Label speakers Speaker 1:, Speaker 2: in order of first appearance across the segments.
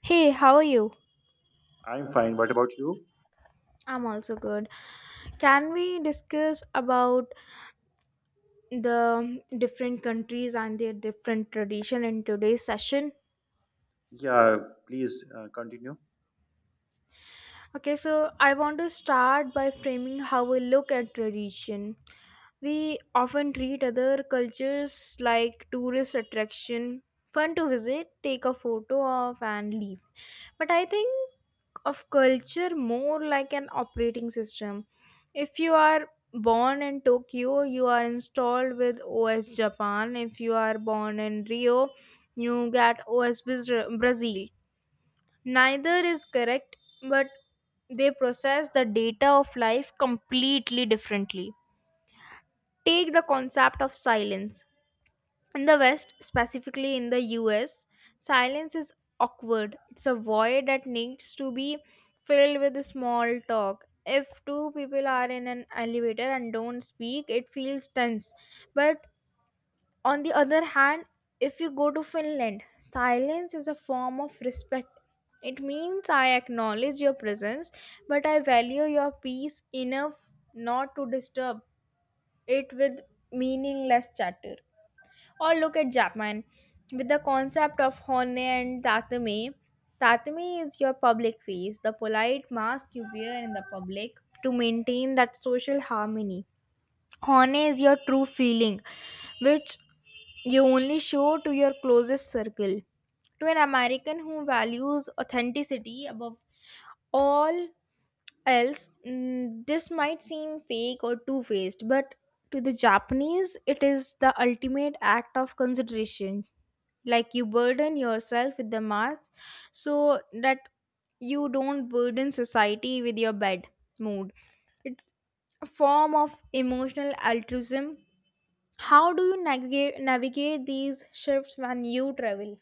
Speaker 1: Hey, how are you?
Speaker 2: I'm fine. What about you?
Speaker 1: I'm also good. Can we discuss about the different countries and their different tradition in today's session?
Speaker 2: Yeah, please continue.
Speaker 1: Okay, so I want to start by framing how we look at tradition. We often treat other cultures like tourist attraction, fun to visit, take a photo of and leave. But I think of culture more like an operating system. If you are born in Tokyo, you are installed with OS Japan. If you are born in Rio, you get OS Brazil. Neither is correct, but they process the data of life completely differently. Take the concept of silence. In the West, specifically in the US, silence is awkward. It's a void that needs to be filled with small talk. If two people are in an elevator and don't speak, it feels tense. But on the other hand, if you go to Finland, silence is a form of respect. It means I acknowledge your presence, but I value your peace enough not to disturb it with meaningless chatter. Or look at Japan with the concept of hone and tatame. Tatame is your public face, the polite mask you wear in the public to maintain that social harmony. Hone is your true feeling, which you only show to your closest circle. To an American who values authenticity above all else, this might seem fake or two faced, but to the Japanese, it is the ultimate act of consideration. Like you burden yourself with the mask so that you don't burden society with your bad mood. It's a form of emotional altruism. How do you navigate these shifts when you travel?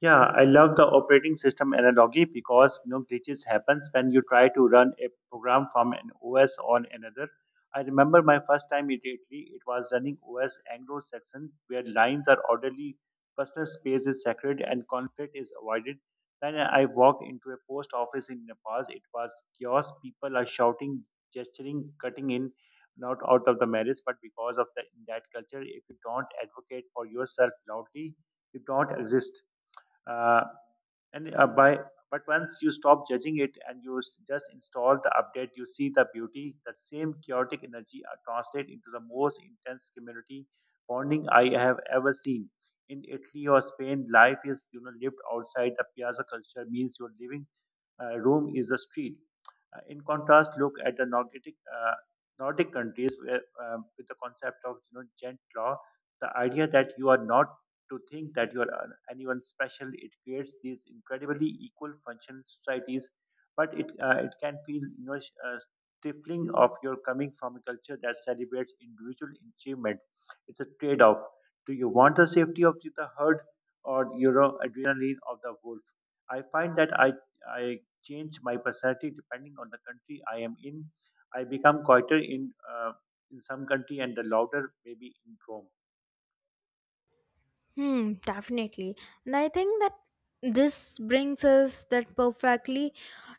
Speaker 2: Yeah, I love the operating system analogy because glitches happens when you try to run a program from an OS on another. I remember my first time in Italy, it was running OS Anglo-Saxon, where lines are orderly, personal space is sacred, and conflict is avoided. Then I walked into a post office in Nepal. It was chaos. People are shouting, gesturing, cutting in, not out of the marriage, but because of the, that culture, if you don't advocate for yourself loudly, you don't exist. Uh, and by But once you stop judging it and you just install the update, you see the beauty. The same chaotic energy are translate into the most intense community bonding I have ever seen. In Italy or Spain, life is lived outside. The piazza culture means you're living. Rome is a street. In contrast, look at the uh, Nordic countries where, with the concept of gent law, the idea that you are not to think that you are anyone special. It creates these incredibly equal function societies, but it can feel stifling of your coming from a culture that celebrates individual achievement. It's a trade off. Do you want the safety of the herd or adrenaline of the wolf? I find that I change my personality depending on the country I am in. I become quieter in in some country and the louder maybe in Rome.
Speaker 1: Hmm, definitely. And I think that this brings us that perfectly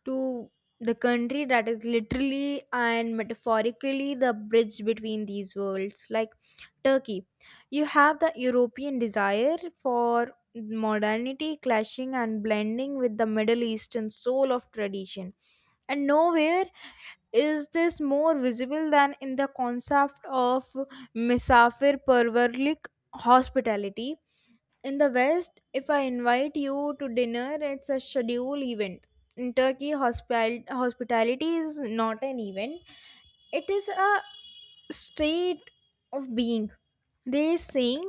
Speaker 1: to the country that is literally and metaphorically the bridge between these worlds. Like Turkey, you have the European desire for modernity clashing and blending with the Middle Eastern soul of tradition. And nowhere is this more visible than in the concept of Misafir Perverlik hospitality. In the West, if I invite you to dinner, it's a scheduled event. In Turkey, hospitality is not an event, it is a state of being. They saying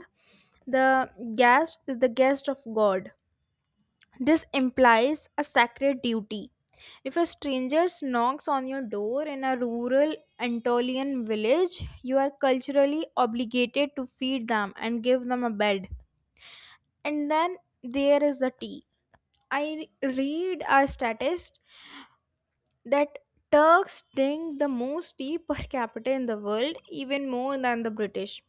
Speaker 1: the guest is the guest of God. This implies a sacred duty. If a stranger knocks on your door in a rural Anatolian village, you are culturally obligated to feed them and give them a bed. And then there is the tea. I read a statist that Turks drink the most tea per capita in the world, even more than the British.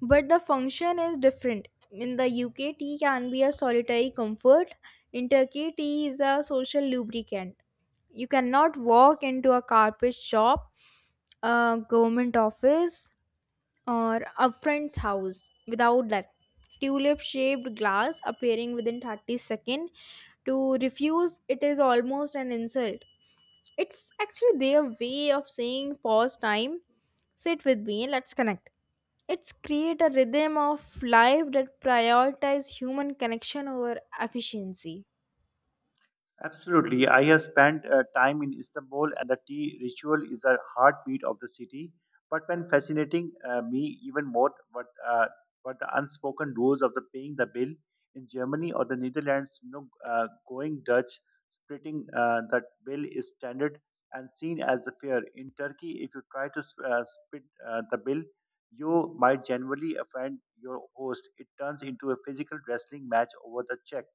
Speaker 1: But the function is different. In the UK, tea can be a solitary comfort. In Turkey, tea is a social lubricant. You cannot walk into a carpet shop, a government office, or a friend's house without that tulip shaped glass appearing within 30 seconds. To refuse it is almost an insult. It's actually their way of saying pause time, sit with me, let's connect. It's create a rhythm of life that prioritize human connection over efficiency.
Speaker 2: Absolutely. I have spent time in Istanbul, and the tea ritual is a heartbeat of the city. But when fascinating me even more, what the unspoken rules of the paying the bill in Germany or the Netherlands, going Dutch, splitting the bill is standard and seen as the fair. In Turkey, if you try to split the bill, you might genuinely offend your host. It turns into a physical wrestling match over the check.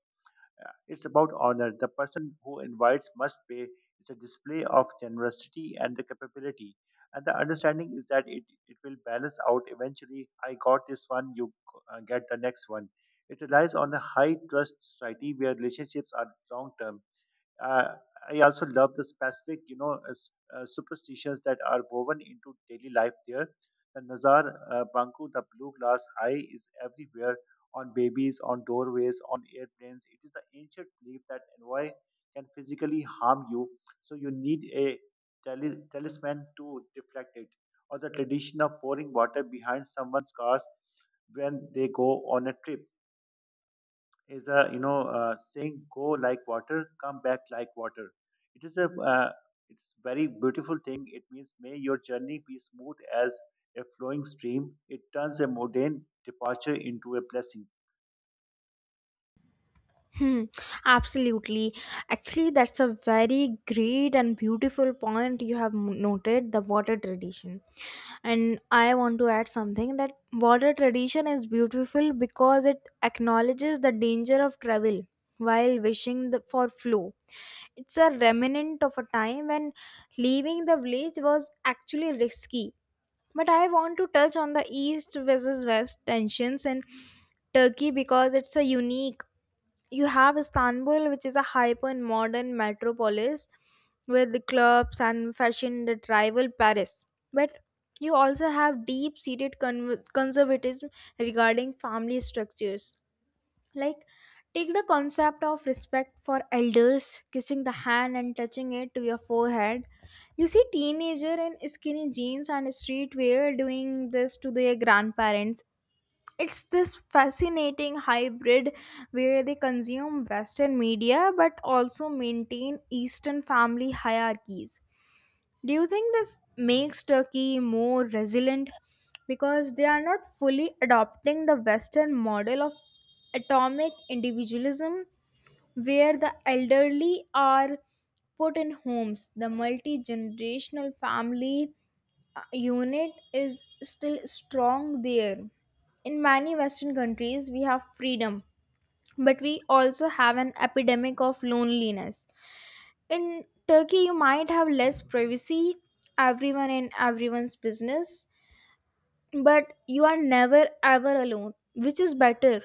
Speaker 2: It's about honor. The person who invites must pay. It's a display of generosity and the capability. And the understanding is that it will balance out eventually. I got this one, you get the next one. It relies on a high trust society where relationships are long term. uh, I also love the specific, superstitions that are woven into daily life there. The Nazar Banku, the blue glass eye, is everywhere on babies, on doorways, on airplanes. It is the ancient belief that envoy can physically harm you, so you need a talisman to deflect it. Or the tradition of pouring water behind someone's cars when they go on a trip is a saying, go like water, come back like water. It is a uh, it's very beautiful thing. It means may your journey be smooth as a flowing stream. It turns a mundane departure into a blessing.
Speaker 1: Hmm, absolutely. Actually, that's a very great and beautiful point you have noted the water tradition. And I want to add something that water tradition is beautiful because it acknowledges the danger of travel while wishing the, for flow. It's a remnant of a time when leaving the village was actually risky. But I want to touch on the east versus west tensions in Turkey because it's a unique. You have Istanbul, which is a hyper and modern metropolis with the clubs and fashion that rival Paris. But you also have deep seated conservatism regarding family structures. Like, take the concept of respect for elders, kissing the hand and touching it to your forehead. You see teenager in skinny jeans and streetwear doing this to their grandparents. It's this fascinating hybrid where they consume western media but also maintain eastern family hierarchies. Do you think this makes Turkey more resilient because they are not fully adopting the western model of atomic individualism where the elderly are put in homes? The multi-generational family unit is still strong there. In many Western countries, we have freedom, but we also have an epidemic of loneliness. In Turkey, you might have less privacy, everyone in everyone's business, but you are never ever alone, which is better.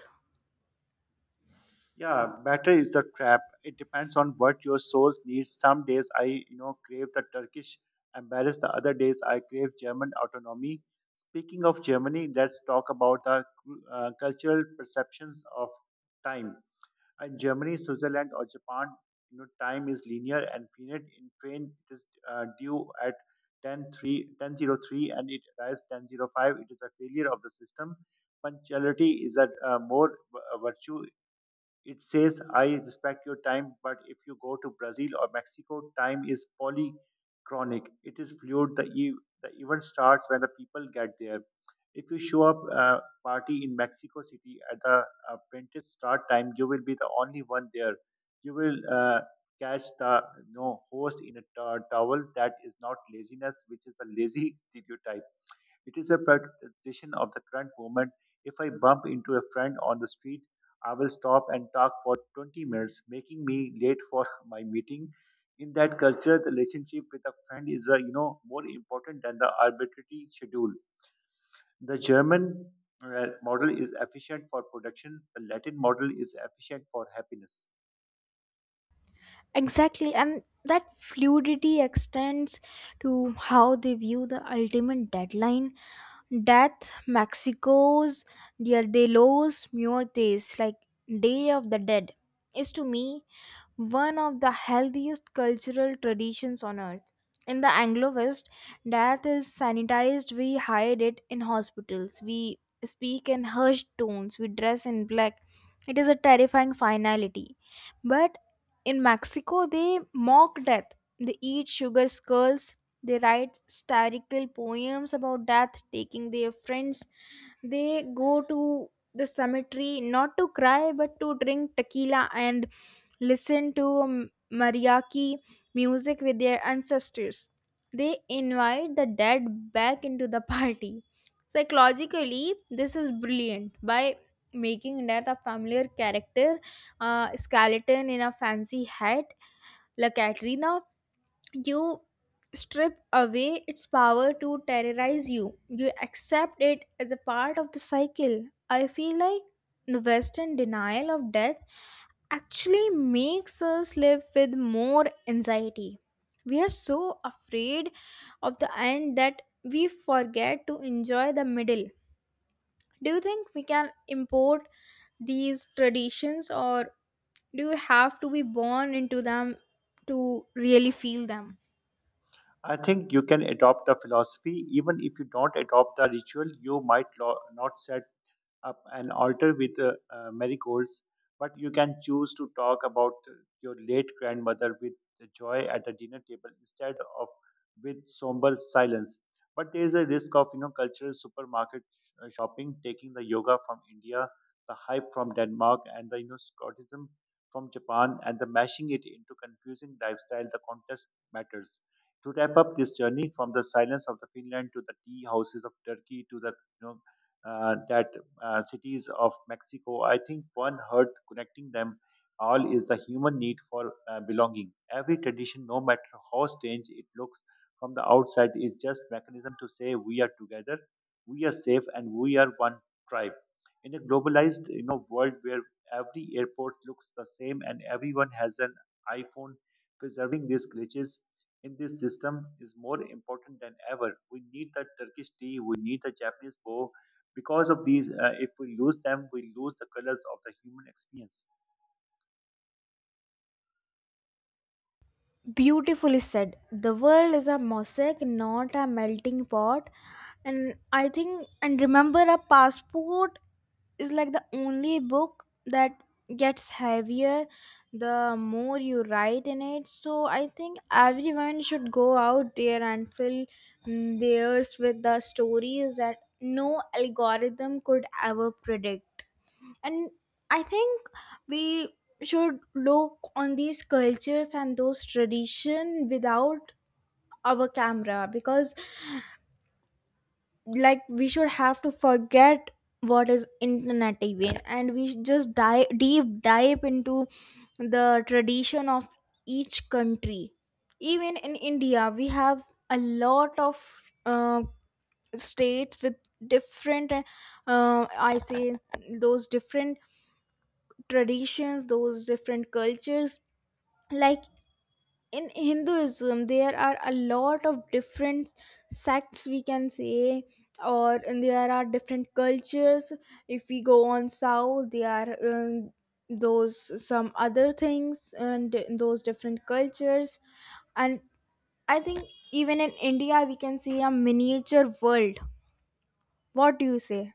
Speaker 2: Yeah, batter is the trap. It depends on what your soul needs. Some days I crave the Turkish embarrass, the other days I crave German autonomy. Speaking of Germany, let's talk about the cultural perceptions of time. In Germany, Switzerland, or Japan, time is linear and finite. In train, it is due at ten three ten zero three, and it arrives 10:05. It is a failure of the system. Punctuality is a virtue. It says, I respect your time, but if you go to Brazil or Mexico, time is polychronic. It is fluid. The event starts when the people get there. If you show up a party in Mexico City at the printed start time, you will be the only one there. You will catch the no host in a towel. That is not laziness, which is a lazy stereotype. It is a practition of the current moment. If I bump into a friend on the street, I will stop and talk for 20 minutes, making me late for my meeting. In that culture, the relationship with a friend is more important than the arbitrary schedule. The German model is efficient for production. The Latin model is efficient for happiness.
Speaker 1: Exactly, and that fluidity extends to how they view the ultimate deadline. Death, Mexico's Dia de los Muertos, like Day of the Dead, is to me one of the healthiest cultural traditions on earth. In the Anglo West, death is sanitized, we hide it in hospitals, we speak in hushed tones, we dress in black. It is a terrifying finality. But in Mexico, they mock death, they eat sugar skulls. They write satirical poems about death, taking their friends. They go to the cemetery not to cry but to drink tequila and listen to mariachi music with their ancestors. They invite the dead back into the party. Psychologically, this is brilliant by making death a familiar character, skeleton in a fancy hat, La Katrina. You strip away its power to terrorize you. You accept it as a part of the cycle. I feel like the Western denial of death actually makes us live with more anxiety. We are so afraid of the end that we forget to enjoy the middle. Do you think we can import these traditions, or do you have to be born into them to really feel them?
Speaker 2: I think you can adopt the philosophy even if you don't adopt the ritual. You might not set up an altar with marigolds, but you can choose to talk about your late grandmother with the joy at the dinner table instead of with somber silence. But there is a risk of cultural supermarket shopping, taking the yoga from India, the hype from Denmark, and the Scottism from Japan, and the mashing it into confusing lifestyle. The contest matters. To wrap up this journey from the silence of the Finland to the tea houses of Turkey to the you know, that cities of Mexico. I think one heart connecting them all is the human need for belonging. Every tradition, no matter how strange it looks from the outside, is just mechanism to say we are together, we are safe, and we are one tribe. In a globalized, world where every airport looks the same and everyone has an iPhone, preserving these glitches in this system is more important than ever. We need the Turkish tea, we need the Japanese bow, because of these, if we lose them, we lose the colors of the human experience.
Speaker 1: Beautifully said, the world is a mosaic not a melting pot. And I think, and remember, a passport is like the only book that gets heavier the more you write in it. So I think everyone should go out there and fill theirs with the stories that no algorithm could ever predict. And I think we should look on these cultures and those tradition without our camera, because like we should have to forget what is internet even, and we should just dive deep dive into the tradition of each country. Even in India we have a lot of uh, states with different I say those different traditions, those different cultures. Like in Hinduism there are a lot of different sects we can say, or and there are different cultures. If we go on south there are those some other things and those different cultures. And I think even in India we can see a miniature world. What do you say?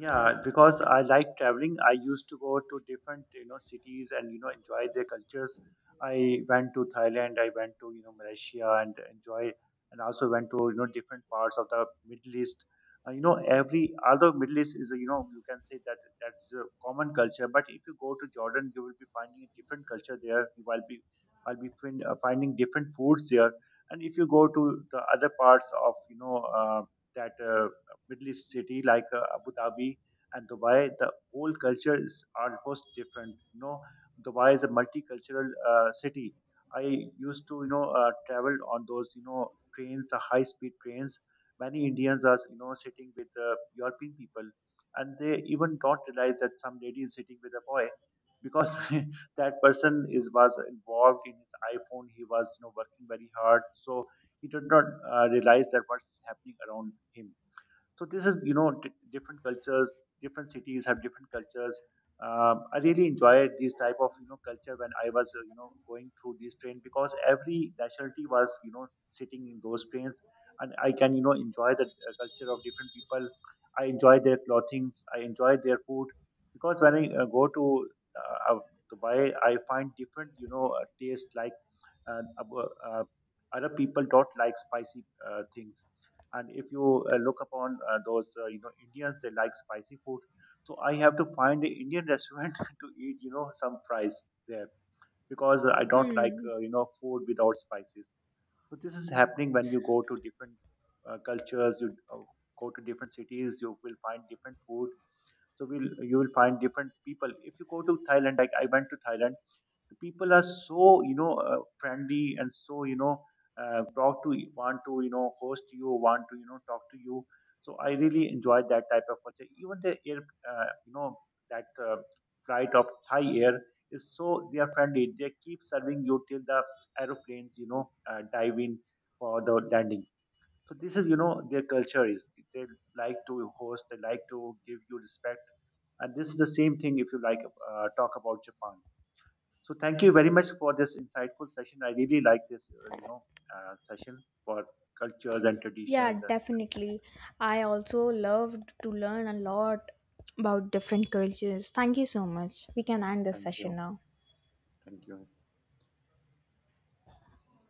Speaker 2: Yeah, because I like traveling, I used to go to different, cities and, enjoy their cultures. I went to Thailand, I went to, you know, Malaysia and enjoy, and also went to, you know, different parts of the Middle East. Every, although Middle East is, you can say that that's a common culture, but if you go to Jordan, you will be finding a different culture there. I will be finding different foods there. And if you go to the other parts of, you know, that Middle East city like Abu Dhabi and Dubai, the whole culture is almost different. You know, Dubai is a multicultural city. I used to travel on those trains, the high-speed trains. Many Indians are sitting with European people, and they even don't realize that some lady is sitting with a boy because that person is was involved in his iPhone. He was working very hard, so he did not realize that what's happening around him. So this is different cultures. Different cities have different cultures. I really enjoy this type of culture when I was going through this train because every nationality was sitting in those trains, and I can enjoy the culture of different people. I enjoy their clothings, I enjoy their food. Because when I go to uh, uh, Dubai, I find different taste. Like, and other people don't like spicy things. And if you look upon those Indians, they like spicy food. So I have to find an Indian restaurant to eat some fries there because I don't like
Speaker 1: Hmm.
Speaker 2: food without spices. So this is happening when you go to different cultures. You go to different cities, you will find different food. So you will find different people if you go to Thailand. Like, I went to Thailand. The people are so friendly and so talk to. Want to host, you want to talk to you. So I really enjoyed that type of culture. Even the air uh, you know that flight of Thai Air is so they are friendly. They keep serving you till the aeroplanes dive in for the landing. So this is their culture is they like to host, they like to give you respect, and this is the same thing if you like talk about Japan. So thank you very much for this insightful session. I really like this session for cultures and
Speaker 1: Yeah,
Speaker 2: traditions. And
Speaker 1: definitely. I also loved to learn a lot about different cultures. Thank you so much. We can end this
Speaker 2: thank
Speaker 1: session
Speaker 2: you,
Speaker 1: now.
Speaker 2: thank you.